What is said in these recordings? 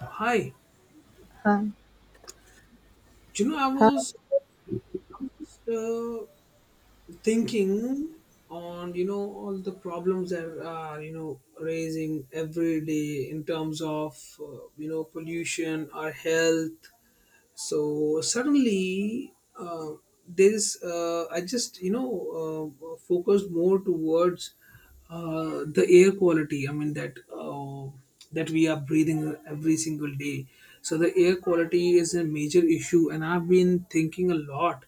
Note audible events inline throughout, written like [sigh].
Hi. Hi. You know, I Hi, was, I was just thinking on, all the problems that are, raising every day in terms of, pollution, our health. So suddenly there is I just focused more towards the air quality. I mean that we are breathing every single day. So the air quality is a major issue, and I've been thinking a lot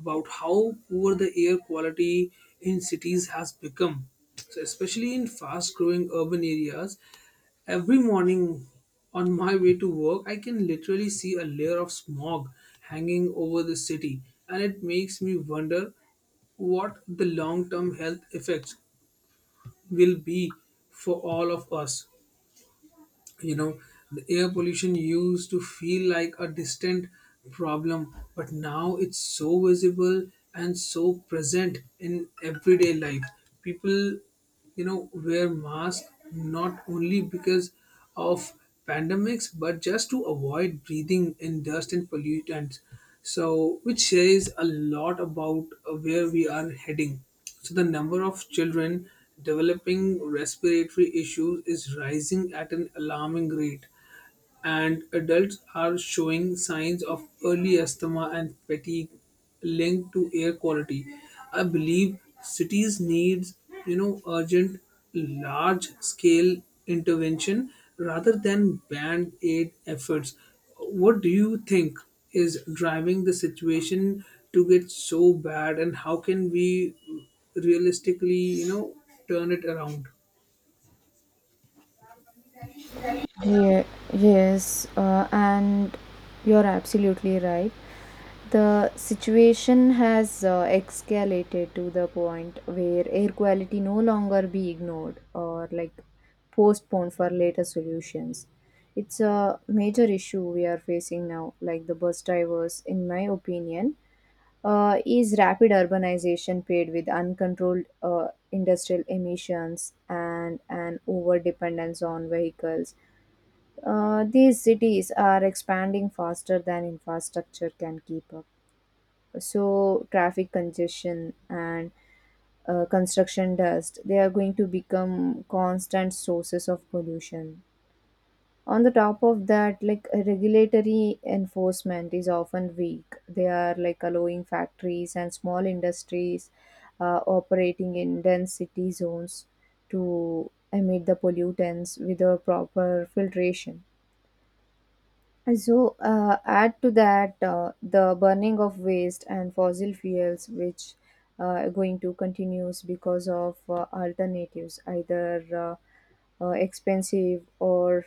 about how poor the air quality in cities has become, so especially in fast growing urban areas. Every morning on my way to work, I can literally see a layer of smog hanging over the city, and it makes me wonder what the long term health effects will be for all of us you know the air pollution used to feel like a distant problem, but now it's so visible and so present in everyday life. People wear masks not only because of pandemics but just to avoid breathing in dust and pollutants, so which says a lot about where we are heading. So the number of children developing respiratory issues is rising at an alarming rate, and adults are showing signs of early asthma and fatigue linked to air quality. I believe cities need, urgent, large-scale intervention rather than band-aid efforts. What do you think is driving the situation to get so bad, and how can we realistically, turn it around? yeah, yes, and you're absolutely right. The situation has escalated to the point where air quality no longer be ignored or like postponed for later solutions. It's a major issue we are facing now, like the bus drivers, in my opinion, is rapid urbanization paired with uncontrolled industrial emissions and an over dependence on vehicles. These cities are expanding faster than infrastructure can keep up. So, traffic congestion and construction dust, they are going to become constant sources of pollution. On the top of that, like, regulatory enforcement is often weak. They are like allowing factories and small industries operating in dense city zones to emit the pollutants without proper filtration. And so add to that the burning of waste and fossil fuels, which are going to continues because of alternatives either uh, expensive or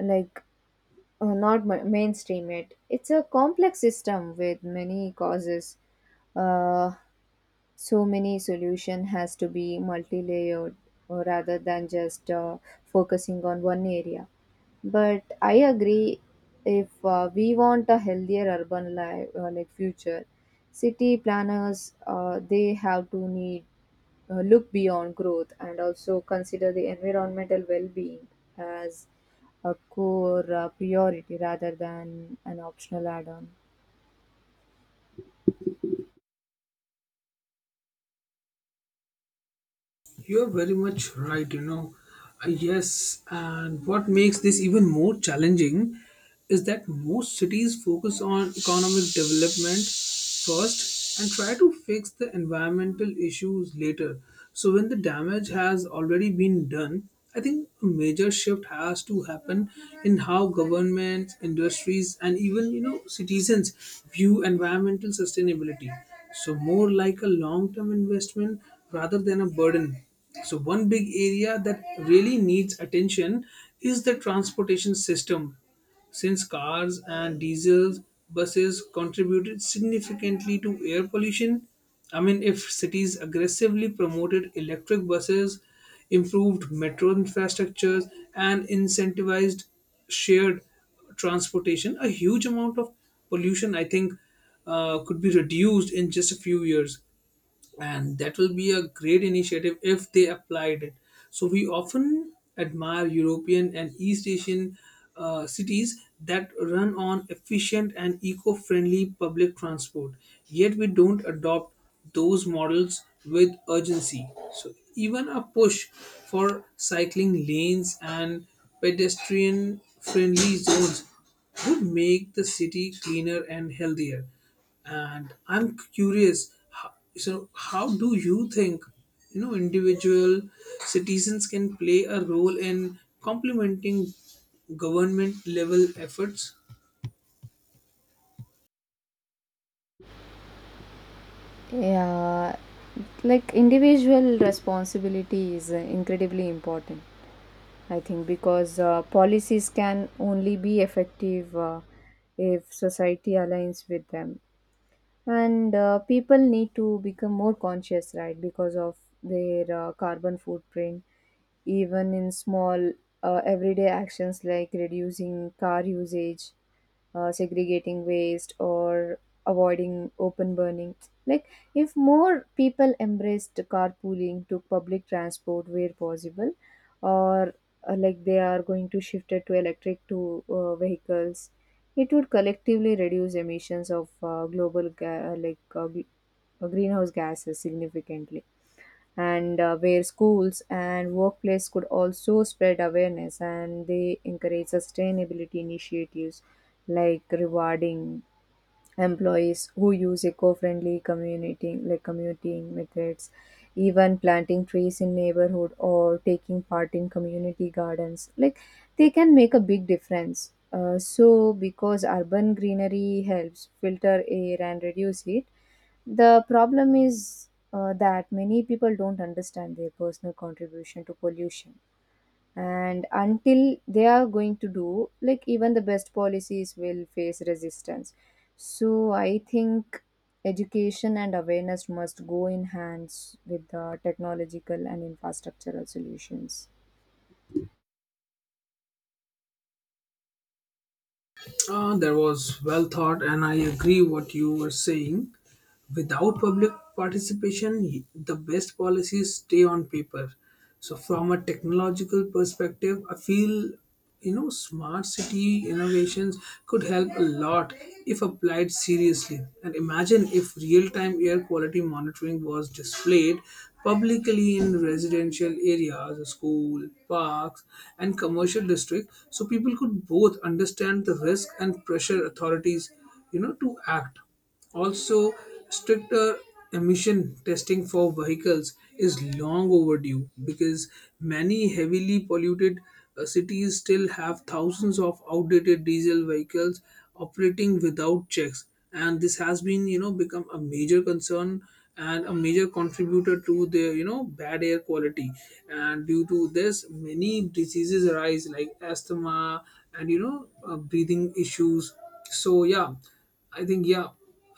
like not mainstream it. It's a complex system with many causes. Uh, so many solution has to be multi-layered rather than just focusing on one area. But I agree, if we want a healthier urban life, like future, city planners they have to need look beyond growth and also consider the environmental well-being as a core priority rather than an optional add-on. You're very much right. Yes, and what makes this even more challenging is that most cities focus on economic development first and try to fix the environmental issues later. So, when the damage has already been done, I think a major shift has to happen in how governments, industries, and even citizens view environmental sustainability, so more like a long term investment rather than a burden. So one big area that really needs attention is the transportation system, since cars and diesels buses contributed significantly to air pollution. I mean, if cities aggressively promoted electric buses, improved metro infrastructures, and incentivized shared transportation, a huge amount of pollution, I think, could be reduced in just a few years, and that will be a great initiative if they applied it. So we often admire european and east asian cities that run on efficient and eco-friendly public transport, yet we don't adopt those models with urgency. So even a push for cycling lanes and pedestrian friendly zones would make the city cleaner and healthier. And I'm curious, so how do you think individual citizens can play a role in complementing government level efforts? Yeah, like individual responsibility is incredibly important, I think, because policies can only be effective if society aligns with them. And people need to become more conscious, right, because of their carbon footprint, even in small everyday actions like reducing car usage, segregating waste, or avoiding open burning. Like, if more people embraced carpooling to public transport where possible, or like they are going to shift it to electric to vehicles, it would collectively reduce emissions of global ga- like gl- greenhouse gases significantly. And where schools and workplace could also spread awareness and they encourage sustainability initiatives like rewarding employees who use eco-friendly commuting, like commuting methods. Even planting trees in neighborhood or taking part in community gardens, like they can make a big difference, so because urban greenery helps filter air and reduce heat. The problem is that many people don't understand their personal contribution to pollution, and until they are going to do, like, even the best policies will face resistance. So I think education and awareness must go in hands with the technological and infrastructural solutions. That was well thought, and I agree what you were saying. Without public participation, the best policies stay on paper. So, from a technological perspective, I feel smart city innovations could help a lot if applied seriously. And imagine if real-time air quality monitoring was displayed publicly in residential areas, school, parks, and commercial districts, so people could both understand the risk and pressure authorities, to act. Also, stricter emission testing for vehicles is long overdue, because many heavily polluted cities still have thousands of outdated diesel vehicles operating without checks, and this has been become a major concern and a major contributor to the bad air quality. And due to this, many diseases arise, like asthma and breathing issues. So yeah, I think, yeah.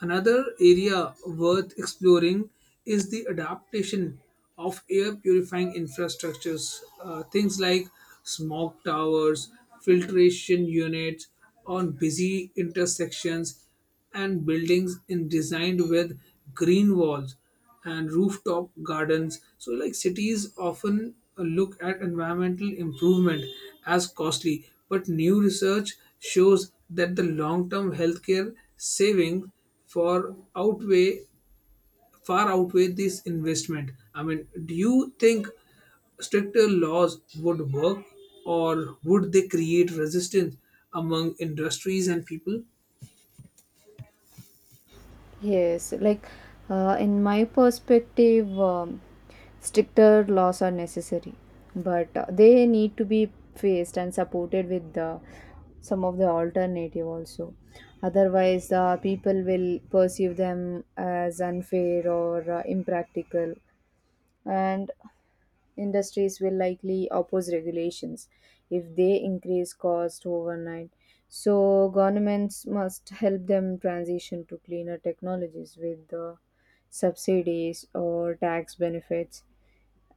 Another area worth exploring is the adaptation of air purifying infrastructures. Things like smog towers, filtration units on busy intersections, and buildings in designed with green walls and rooftop gardens. So, like cities often look at environmental improvement as costly, but new research shows that the long-term healthcare savings for outweigh far outweigh this investment. I mean, do you think stricter laws would work, or would they create resistance among industries and people? Yes, like in my perspective, stricter laws are necessary, but they need to be faced and supported with the some of the alternative also. Otherwise, people will perceive them as unfair or impractical, and industries will likely oppose regulations if they increase cost overnight. So governments must help them transition to cleaner technologies with subsidies or tax benefits.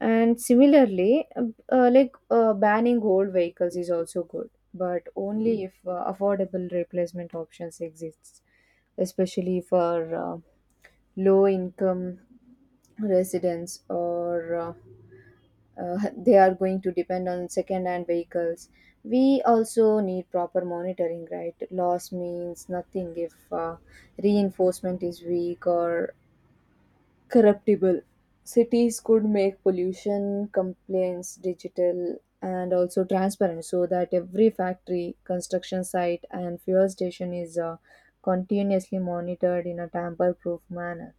And similarly, banning old vehicles is also good, but only if affordable replacement options exists, especially for low income residents, or [laughs] they are going to depend on second hand vehicles. We also need proper monitoring, right? Loss means nothing if reinforcement is weak or corruptible. Cities could make pollution complaints digital and also transparent, so that every factory, construction site, and fuel station is continuously monitored in a tamper proof manner.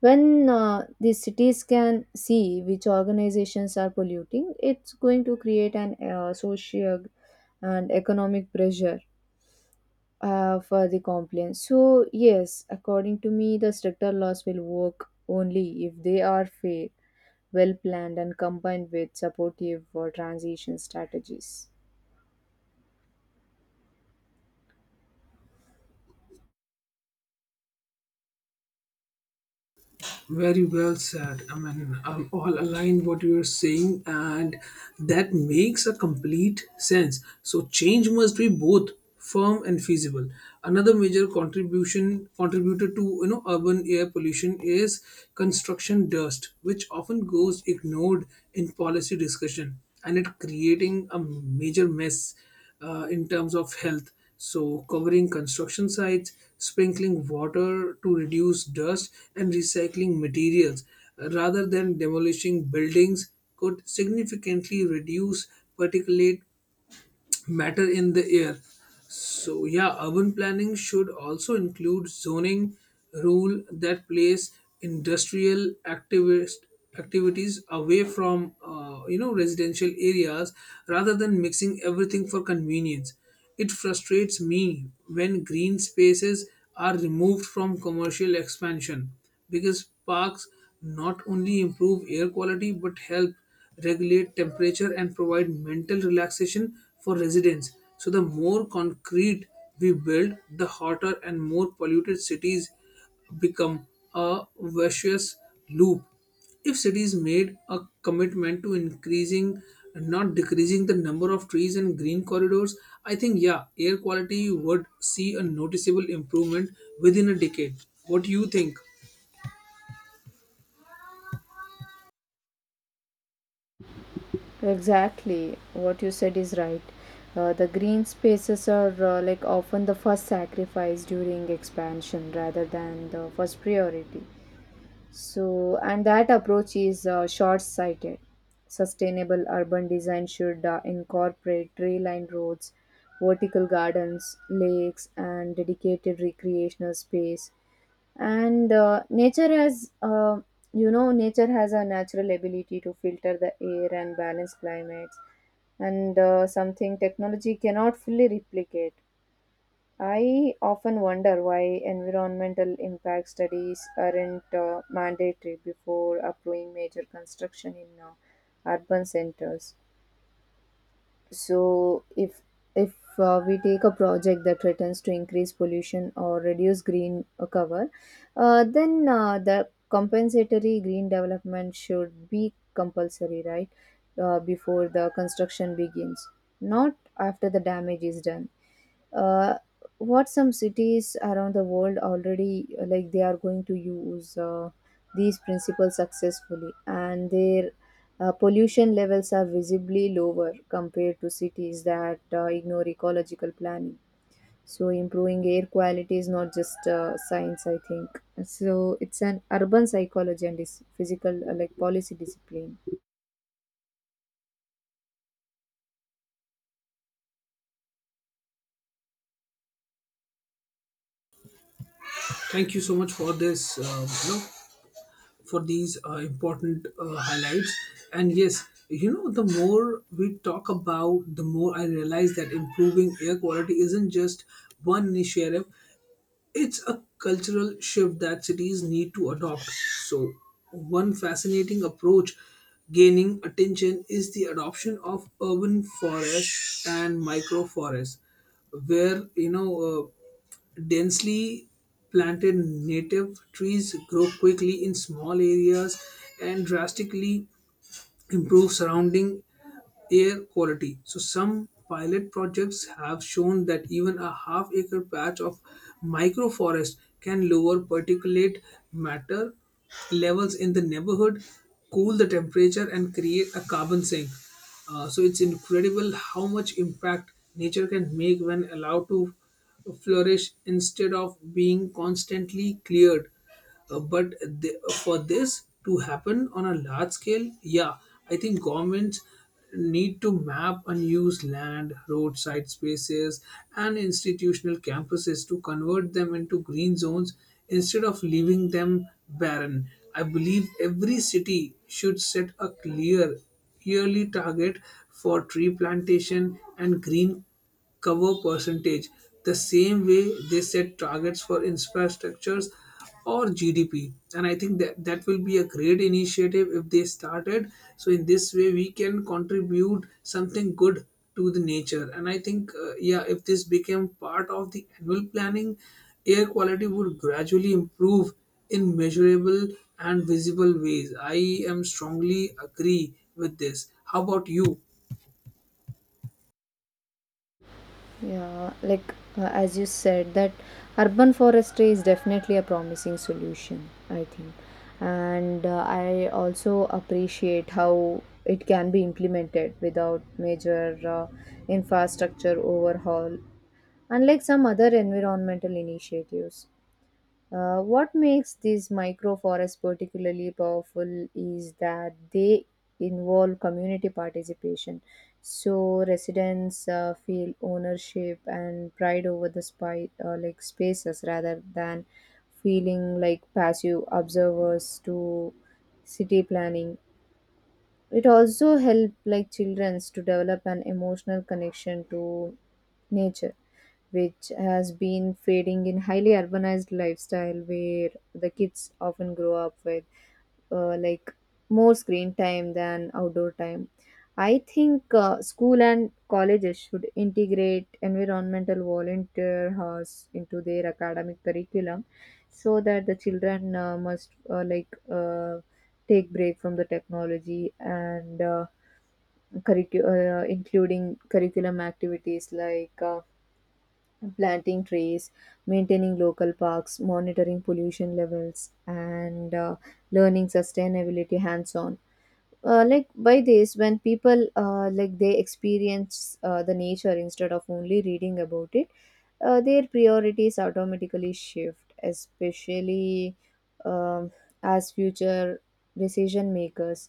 When the cities can see which organizations are polluting, it's going to create an social and economic pressure for the compliance. So yes, according to me, the stricter laws will work only if they are fair, well planned, and combined with supportive transition strategies. Very well said. I mean, I'll all align what you're saying, and that makes a complete sense. So change must be both firm and feasible. Another major contribution contributor to urban air pollution is construction dust, which often goes ignored in policy discussion, and it creating a major mess in terms of health. So, covering construction sites, sprinkling water to reduce dust, and recycling materials rather than demolishing buildings could significantly reduce particulate matter in the air. So yeah, urban planning should also include zoning rule that place industrial activist activities away from residential areas rather than mixing everything for convenience. It frustrates me when green spaces are removed from commercial expansion, because parks not only improve air quality but help regulate temperature and provide mental relaxation for residents. So the more concrete we build, the hotter and more polluted cities become, a vicious loop. If cities made a commitment to increasing, not decreasing, the number of trees and green corridors, I think, yeah, air quality would see a noticeable improvement within a decade. What do you think? Exactly, what you said is right. The green spaces are like often the first sacrifice during expansion rather than the first priority. So, and that approach is short sighted. Sustainable urban design should incorporate tree lined roads, vertical gardens, lakes, and dedicated recreational space. And nature has a natural ability to filter the air and balance climates, and something technology cannot fully replicate. I often wonder why environmental impact studies aren't mandatory before approving major construction in urban centers. So if we take a project that threatens to increase pollution or reduce green cover, then the compensatory green development should be compulsory, right? Before the construction begins, not after the damage is done. uh, what some cities around the world already like they are going to use these principles successfully, and their pollution levels are visibly lower compared to cities that ignore ecological planning. So improving air quality is not just science, I think. So it's an urban psychology and is physical, like policy discipline. Thank you so much for this. For these important highlights. And yes, the more we talk about, the more I realize that improving air quality isn't just one initiative, it's a cultural shift that cities need to adopt. So, one fascinating approach gaining attention is the adoption of urban forests and microforests where densely planted native trees grow quickly in small areas and drastically improve surrounding air quality. So some pilot projects have shown that even a half acre patch of microforest can lower particulate matter levels in the neighborhood, cool the temperature and create a carbon sink. So it's incredible how much impact nature can make when allowed to flourish instead of being constantly cleared. But for this to happen on a large scale, yeah, I think governments need to map unused land, roadside spaces, and institutional campuses to convert them into green zones instead of leaving them barren. I believe every city should set a clear yearly target for tree plantation and green cover percentage, the same way they set targets for infrastructures or GDP. And I think that will be a great initiative if they started. So in this way, we can contribute something good to the nature. And I think, yeah, if this became part of the annual planning, air quality would gradually improve in measurable and visible ways. I am strongly agree with this. How about you? Yeah, like as you said, that urban forestry is definitely a promising solution, I think. And I also appreciate how it can be implemented without major infrastructure overhaul, unlike some other environmental initiatives. What makes these microforests particularly powerful is that they involve community participation. So residents feel ownership and pride over the spy, like spaces rather than feeling like passive observers to city planning. It also helps like children to develop an emotional connection to nature, which has been fading in highly urbanized lifestyle where the kids often grow up with uh, like more screen time than outdoor time. I think school and colleges should integrate environmental volunteer hours into their academic curriculum, so that the children must like take break from the technology and including curriculum activities like planting trees, maintaining local parks, monitoring pollution levels, and learning sustainability hands on. Like, by this, when people like they experience the nature instead of only reading about it, their priorities automatically shift, especially um, as future decision makers.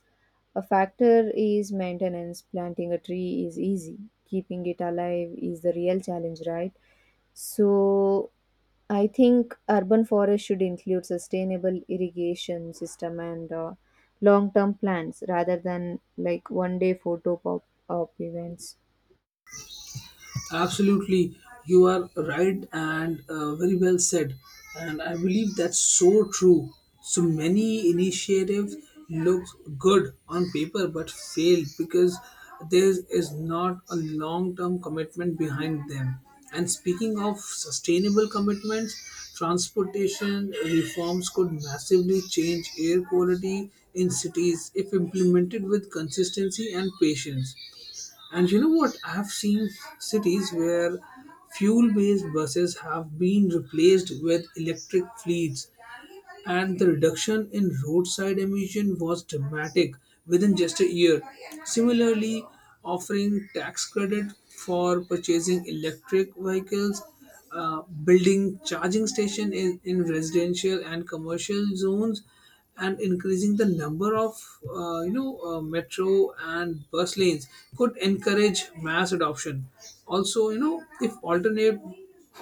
A factor is maintenance. Planting a tree is easy, keeping it alive is the real challenge, right? So I think urban forests should include sustainable irrigation system and long-term plans rather than like one-day photo pop-up events. Absolutely, you are right and very well said. And I believe that's so true. So many initiatives look good on paper but fail because there is not a long term commitment behind them. And speaking of sustainable commitments, transportation reforms could massively change air quality in cities if implemented with consistency and patience. And you know what? I've seen cities where fuel based buses have been replaced with electric fleets, and the reduction in roadside emission was dramatic within just a year. Similarly, offering tax credit for purchasing electric vehicles, building charging station in residential and commercial zones, and increasing the number of metro and bus lanes, could encourage mass adoption. Also, if alternate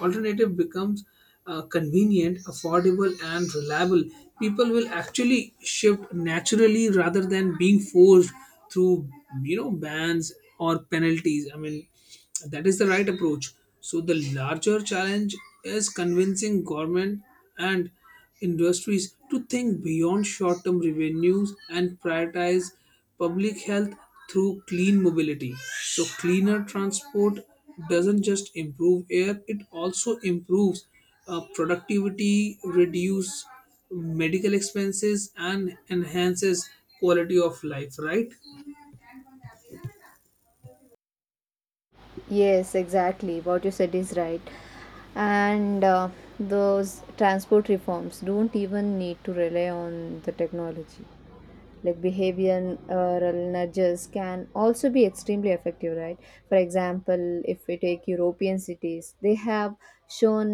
alternative becomes convenient, affordable and reliable, people will actually shift naturally rather than being forced through bans or penalties. I mean, that is the right approach. So the larger challenge is convincing government and industries to think beyond short-term revenues and prioritize public health through clean mobility. So cleaner transport doesn't just improve air, it also improves productivity, reduce medical expenses and enhances quality of life, right? Yes, exactly. What you said is right. And those transport reforms don't even need to rely on the technology. Like behavioral nudges can also be extremely effective, right? For example, if we take European cities, they have shown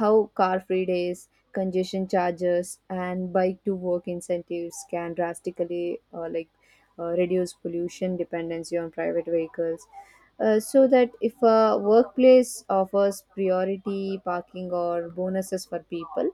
how car free days, congestion charges, and bike to work incentives can drastically reduce pollution dependency on private vehicles. So that if a workplace offers priority parking or bonuses for people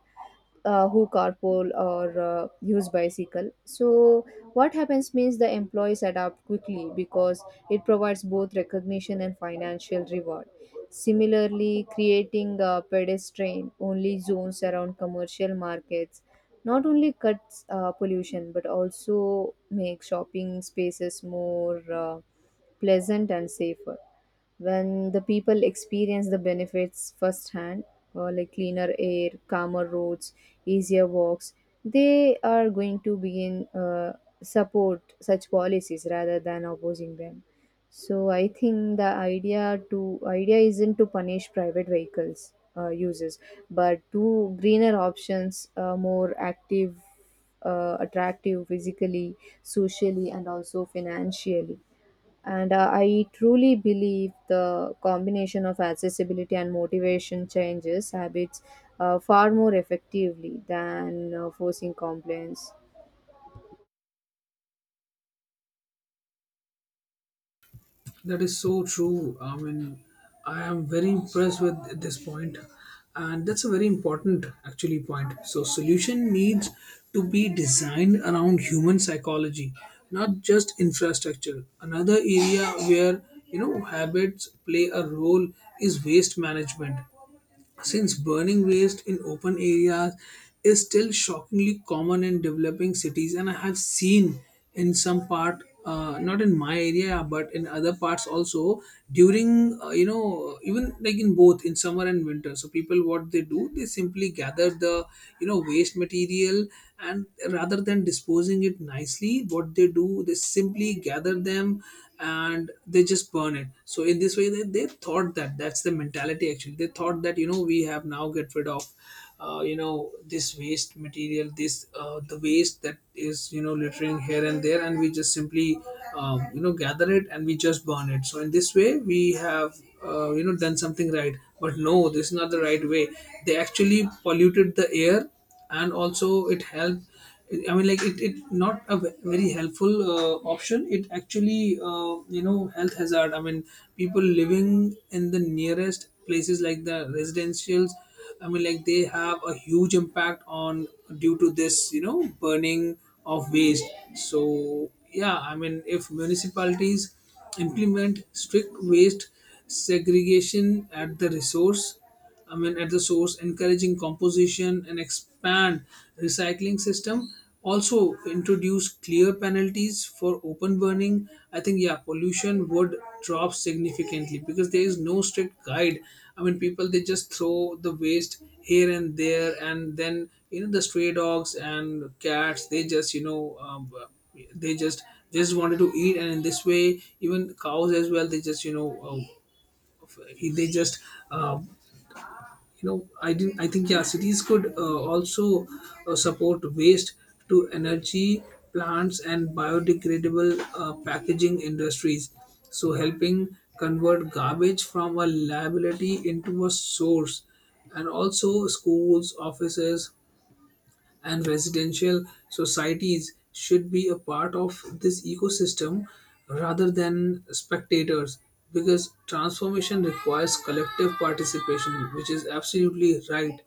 who carpool or use bicycle, so what happens means the employees adapt quickly because it provides both recognition and financial reward. Similarly, creating pedestrian only zones around commercial markets not only cuts pollution but also makes shopping spaces more pleasant and safer. When the people experience the benefits firsthand, like cleaner air, calmer roads, easier walks, they are going to begin support such policies rather than opposing them. So I think the idea isn't to punish private vehicles users, but to greener options, more active, attractive physically, socially, and also financially. And I truly believe the combination of accessibility and motivation changes habits far more effectively than forcing compliance. That is so true. I mean, I am very impressed with this point, and that's a very important actually point. So, solution needs to be designed around human psychology, not just infrastructure. Another area where habits play a role is waste management. Since burning waste in open areas is still shockingly common in developing cities, and I have seen in some part, not in my area, but in other parts also, during even like in both in summer and winter. So people, what they do, they simply gather the waste material, and rather than disposing it nicely, what they do, they simply gather them and they just burn it. So in this way they thought that, that's the mentality actually. They thought that, you know, we have now get rid of uh, you know this waste material, this the waste that is, you know, littering here and there, and we just simply gather it and we just burn it. So in this way we have done something right. But no, this is not the right way. They actually polluted the air. And also it help, I mean, like it not a very helpful option. It actually health hazard, I mean people living in the nearest places like the residentials, I mean like they have a huge impact on due to this, you know, burning of waste. So yeah, I mean if municipalities implement strict waste segregation at the resource, I mean at the source, encouraging composition and expand recycling system. Also introduce clear penalties for open burning. I think yeah, pollution would drop significantly because there is no strict guide. I mean, people they just throw the waste here and there, and then you know the stray dogs and cats they just they just wanted to eat, and in this way even cows as well they just you know uh, they just uh, you know I didn't I think yeah, cities could also support waste to energy plants and biodegradable packaging industries, so helping convert garbage from a liability into a source. And also schools, offices and residential societies should be a part of this ecosystem rather than spectators, because transformation requires collective participation, which is absolutely right.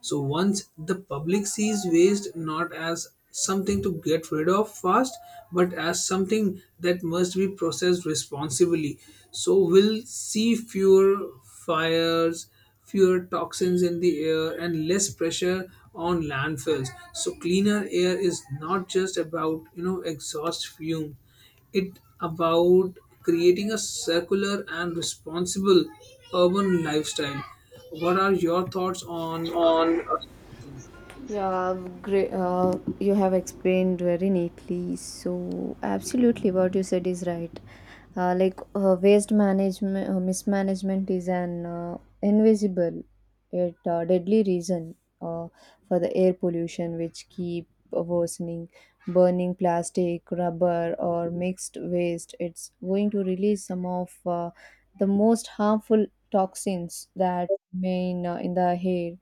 So once the public sees waste not as something to get rid of fast, but as something that must be processed responsibly, so we'll see fewer fires, fewer toxins in the air, and less pressure on landfills. So cleaner air is not just about exhaust fume; it about creating a circular and responsible urban lifestyle. What are your thoughts on? Yeah, great. You have explained very neatly. So, absolutely, what you said is right. Waste management, mismanagement is an invisible yet deadly reason for the air pollution, which keep worsening. Burning plastic, rubber, or mixed waste, it's going to release some of the most harmful toxins that remain in the air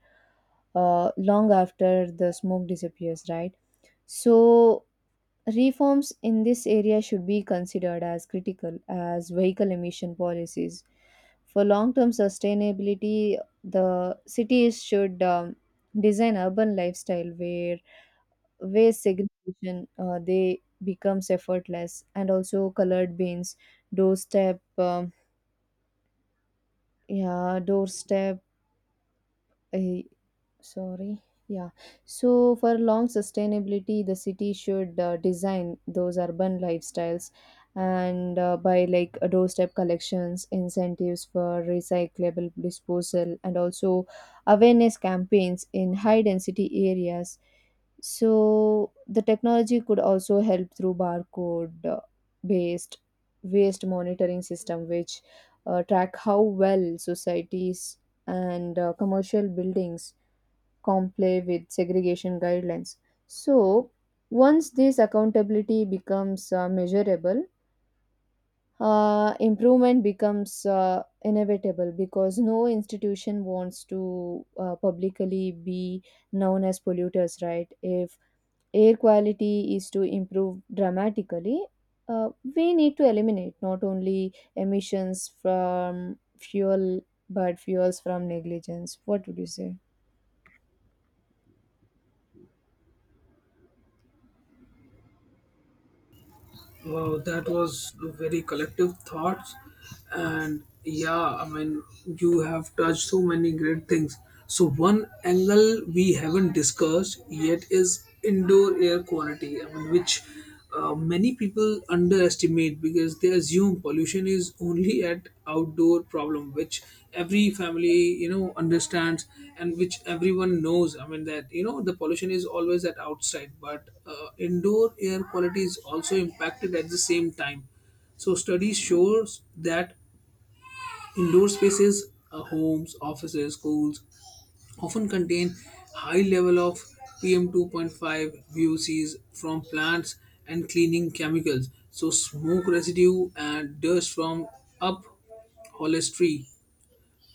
long after the smoke disappears, right? So, reforms in this area should be considered as critical as vehicle emission policies. For long term sustainability, the cities should design urban lifestyle where waste segregation they becomes effortless, and also colored bins, doorstep um, yeah doorstep uh, Sorry. Yeah. So for long sustainability, the city should design those urban lifestyles, and by like doorstep collections, incentives for recyclable disposal, and also awareness campaigns in high density areas. So the technology could also help through barcode based waste monitoring system, which track how well societies and commercial buildings comply with segregation guidelines. So, once this accountability becomes measurable, improvement becomes inevitable, because no institution wants to publicly be known as polluters, right? If air quality is to improve dramatically, uh, we need to eliminate not only emissions from fuel but fuels from negligence. What would you say? Wow, that was a very collective thoughts, and yeah, I mean, you have touched so many great things. So, one angle we haven't discussed yet is indoor air quality, I mean, which many people underestimate because they assume pollution is only at outdoor problem, which every family you know understands and which everyone knows. I mean that, you know, the pollution is always at outside, but indoor air quality is also impacted at the same time. So studies shows that indoor spaces, homes, offices, schools, often contain high level of PM2.5, VOCs from plants and cleaning chemicals. So smoke residue and dust from up upholstery.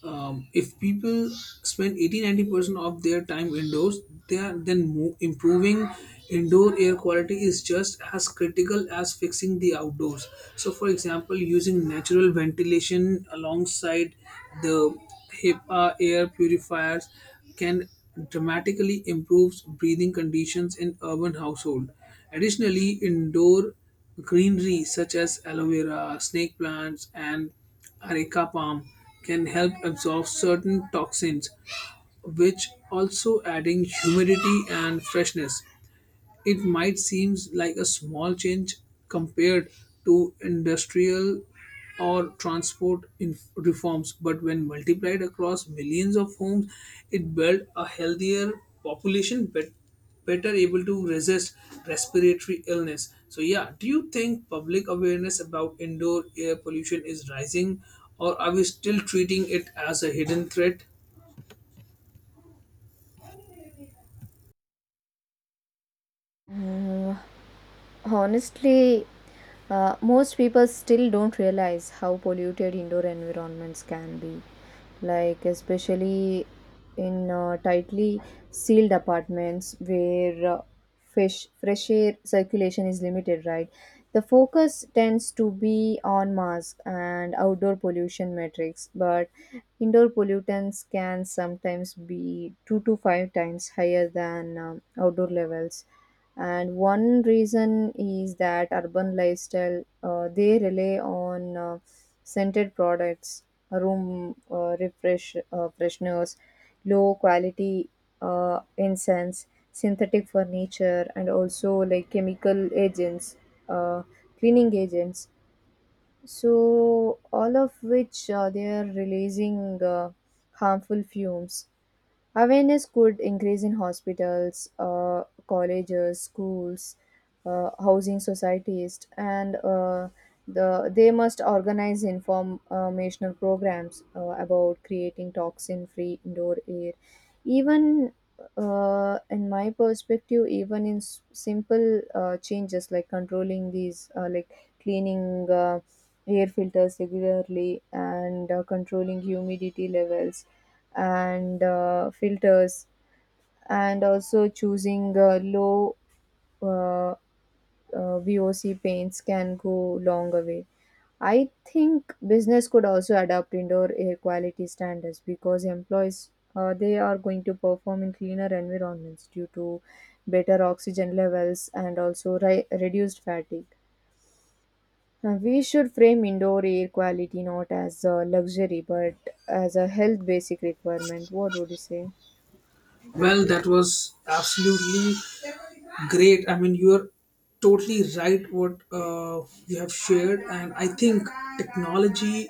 If people spend 80 90% of their time indoors, they are then improving indoor air quality is just as critical as fixing the outdoors. So for example, using natural ventilation alongside the HEPA air purifiers can dramatically improve breathing conditions in urban household. Additionally, indoor greenery such as aloe vera, snake plants and Areca palm can help absorb certain toxins, which also adding humidity and freshness. It might seem like a small change compared to industrial or transport in reforms, but when multiplied across millions of homes, it built a healthier population, better able to resist respiratory illness. So, yeah, do you think public awareness about indoor air pollution is rising, or are we still treating it as a hidden threat? Uh, Honestly, most people still don't realize how polluted indoor environments can be, like, especially in tightly sealed apartments where fresh air circulation is limited, right? The focus tends to be on mask and outdoor pollution metrics, but indoor pollutants can sometimes be two to five times higher than outdoor levels. And one reason is that urban lifestyle, they rely on scented products, room refresh fresheners, low quality incense, synthetic furniture, and also like chemical agents, uh, cleaning agents, so all of which, they are releasing harmful fumes. Awareness could increase in hospitals, colleges, schools, housing societies, and they must organize informational programs about creating toxin-free indoor air. Even in my perspective, even in simple changes like controlling these, like cleaning air filters regularly, and controlling humidity levels and filters, and also choosing low uh, uh, VOC paints can go long way. I think business could also adapt indoor air quality standards because employees, they are going to perform in cleaner environments due to better oxygen levels and also reduced fatigue. We should frame indoor air quality not as a luxury but as a health basic requirement. What would you say? Well, that was absolutely great. I mean, you are totally right what you have shared, and I think technology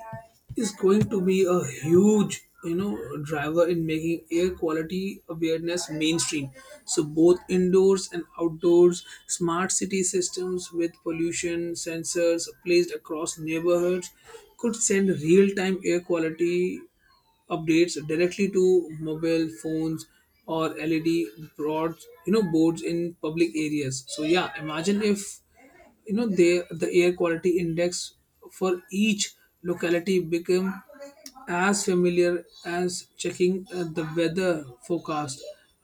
is going to be a huge, you know, driver in making air quality awareness mainstream. So both indoors and outdoors, smart city systems with pollution sensors placed across neighborhoods could send real-time air quality updates directly to mobile phones or LED broads, you know, boards in public areas. So yeah, imagine if the air quality index for each locality become as familiar as checking the weather forecast.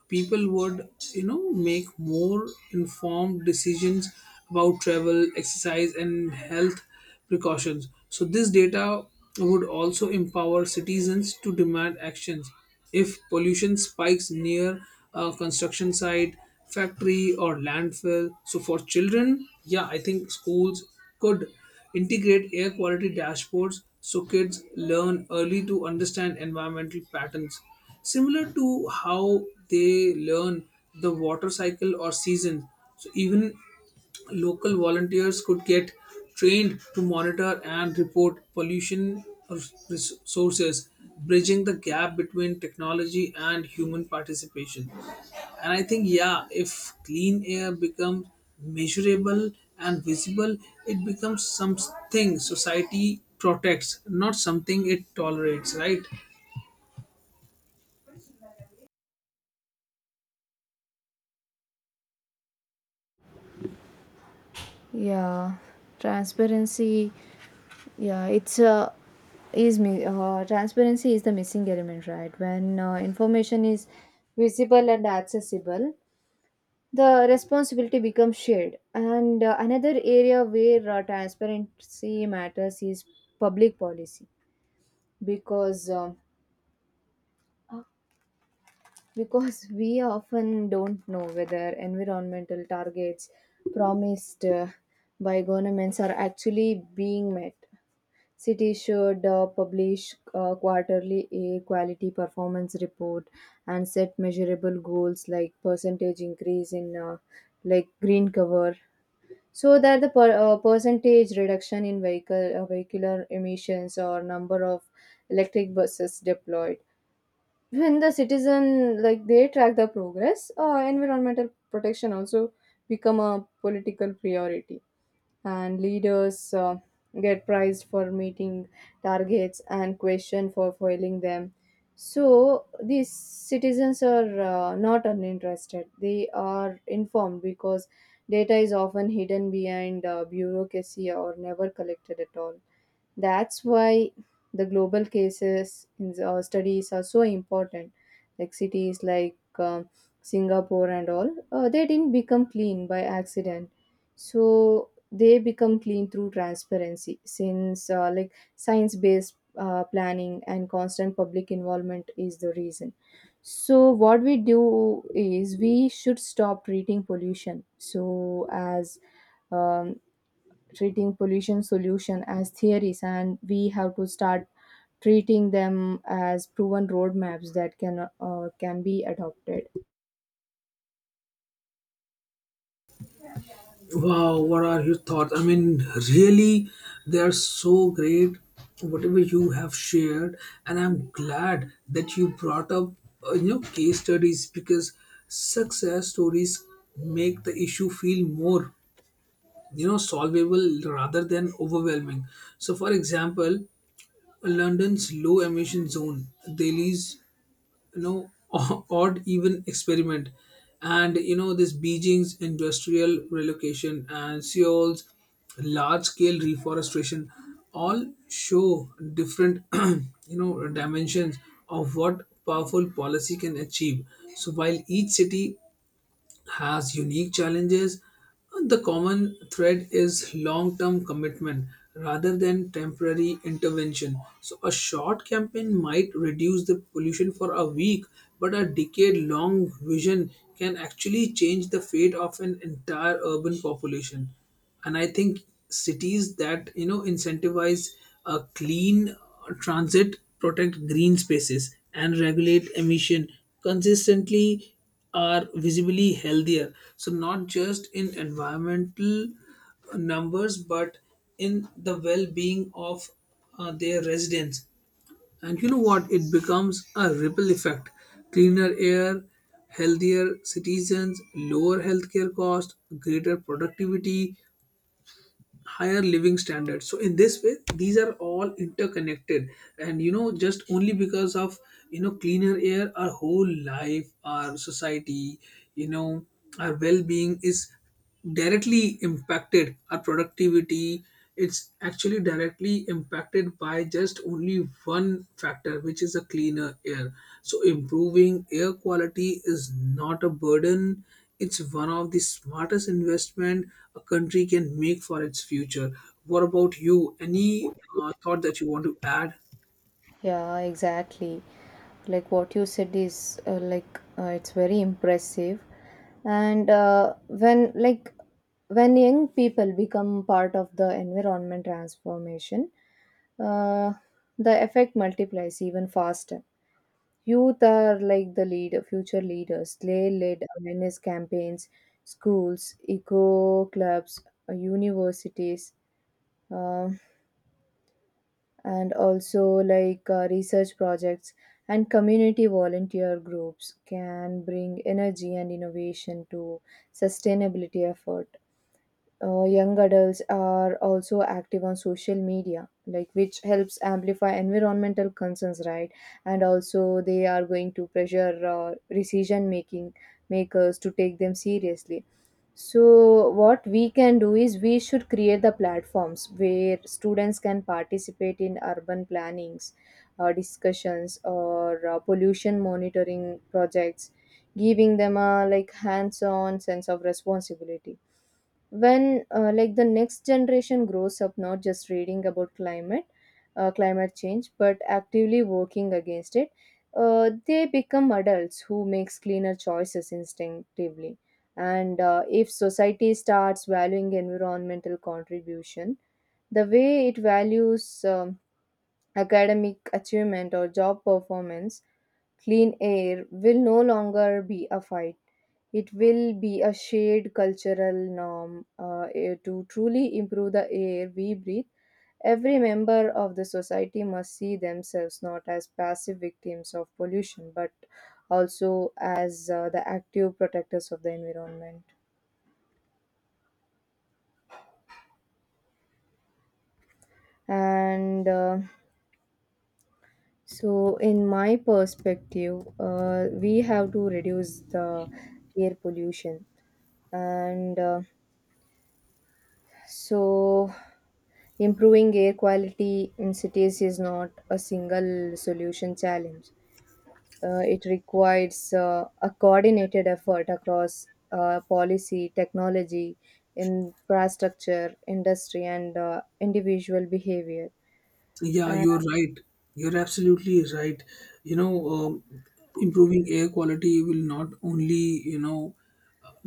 People would, you know, make more informed decisions about travel, exercise, and health precautions. So, this data would also empower citizens to demand actions. If pollution spikes near a construction site, factory, or landfill, so for children, yeah, I think schools could integrate air quality dashboards so kids learn early to understand environmental patterns, similar to how they learn the water cycle or seasons. So even local volunteers could get trained to monitor and report pollution sources, bridging the gap between technology and human participation. And I think, yeah, if clean air becomes measurable and visible, it becomes something society protects, not something it tolerates, right? Yeah, transparency. Yeah, transparency is the missing element, right? When information is visible and accessible, the responsibility becomes shared. And another area where transparency matters is public policy, because um because [laughs] we often don't know whether environmental targets promised by governments are actually being met. City should publish quarterly a quality performance report and set measurable goals like percentage increase in like green cover, so that the percentage reduction in vehicle vehicular emissions or number of electric buses deployed. When the citizen like they track the progress, environmental protection also become a political priority, and leaders get prized for meeting targets and questioned for foiling them. So these citizens are not uninterested. They are informed because data is often hidden behind bureaucracy or never collected at all. That's why the global cases in the, studies are so important, like cities like Singapore and all, they didn't become clean by accident, so they become clean through transparency, since like science based planning and constant public involvement is the reason. So what we do is we should stop treating pollution so as um, treating pollution solution as theories, and we have to start treating them as proven roadmaps that can be adopted. Wow, what are your thoughts? I mean, really, they are so great, whatever you have shared. And I'm glad that you brought up, case studies, because success stories make the issue feel more, you know, solvable rather than overwhelming. So, for example, London's low emission zone, Delhi's you know [laughs] odd even experiment, and you know this Beijing's industrial relocation and Seoul's large scale reforestation all show different [clears throat] you know dimensions of what powerful policy can achieve. So while each city has unique challenges, the common thread is long term commitment rather than temporary intervention. So, a short campaign might reduce the pollution for a week, but a decade long vision can actually change the fate of an entire urban population. And I think cities that, you know, incentivize a clean transit, protect green spaces and regulate emission consistently are visibly healthier, so not just in environmental numbers but in the well-being of their residents. And you know what, it becomes a ripple effect. Cleaner air, healthier citizens, lower healthcare cost, greater productivity, higher living standards, so in this way these are all interconnected. And you know, just only because of, you know, cleaner air, our whole life, our society, you know, our well-being is directly impacted, our productivity, it's actually directly impacted by just only one factor, which is a cleaner air. So improving air quality is not a burden, it's one of the smartest investment a country can make for its future. What about you, any thought that you want to add? Yeah, exactly. Like what you said is it's very impressive. And when like when young people become part of the environment transformation, uh, the effect multiplies even faster. Youth are like future leaders. They led awareness campaigns, schools, eco clubs, universities, uh, and also like research projects and community volunteer groups can bring energy and innovation to sustainability effort. Young adults are also active on social media, like which helps amplify environmental concerns, right? And also they are going to pressure decision making makers to take them seriously. So what we can do is we should create the platforms where students can participate in urban plannings, discussions or pollution monitoring projects, giving them a like hands-on sense of responsibility. When like the next generation grows up not just reading about climate change but actively working against it, they become adults who makes cleaner choices instinctively. And if society starts valuing environmental contribution the way it values academic achievement or job performance, clean air will no longer be a fight. It will be a shared cultural norm, to truly improve the air we breathe. Every member of the society must see themselves not as passive victims of pollution, but also as the active protectors of the environment. And so, in my perspective, we have to reduce the air pollution. And so, improving air quality in cities is not a single solution challenge. It requires a coordinated effort across policy, technology, infrastructure, industry, and individual behavior. Yeah, Uh, you're right. You're absolutely right. You know, improving air quality will not only, you know,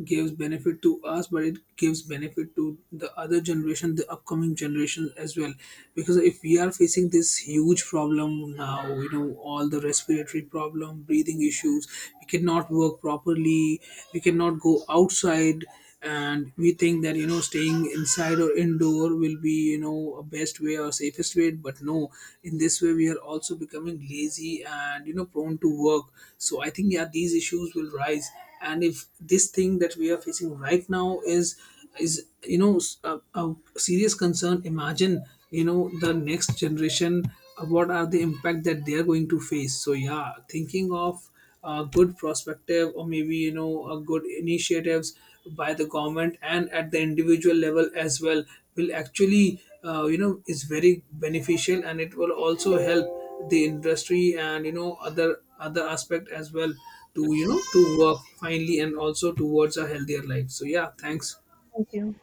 gives benefit to us, but it gives benefit to the other generation, the upcoming generation as well. Because if we are facing this huge problem now, you know, all the respiratory problem, breathing issues, we cannot work properly, we cannot go outside, and we think that, you know, staying inside or indoor will be, you know, a best way or safest way. But no, in this way we are also becoming lazy and, you know, prone to work. So I think yeah, these issues will rise. And if this thing that we are facing right now is, you know, a serious concern, imagine, you know, the next generation, what are the impact that they are going to face. So yeah, thinking of a good perspective or maybe, you know, a good initiatives by the government and at the individual level as well will actually is very beneficial, and it will also help the industry and, you know, other aspect as well to, you know, to work finally and also towards a healthier life. So yeah, thanks. Thank you.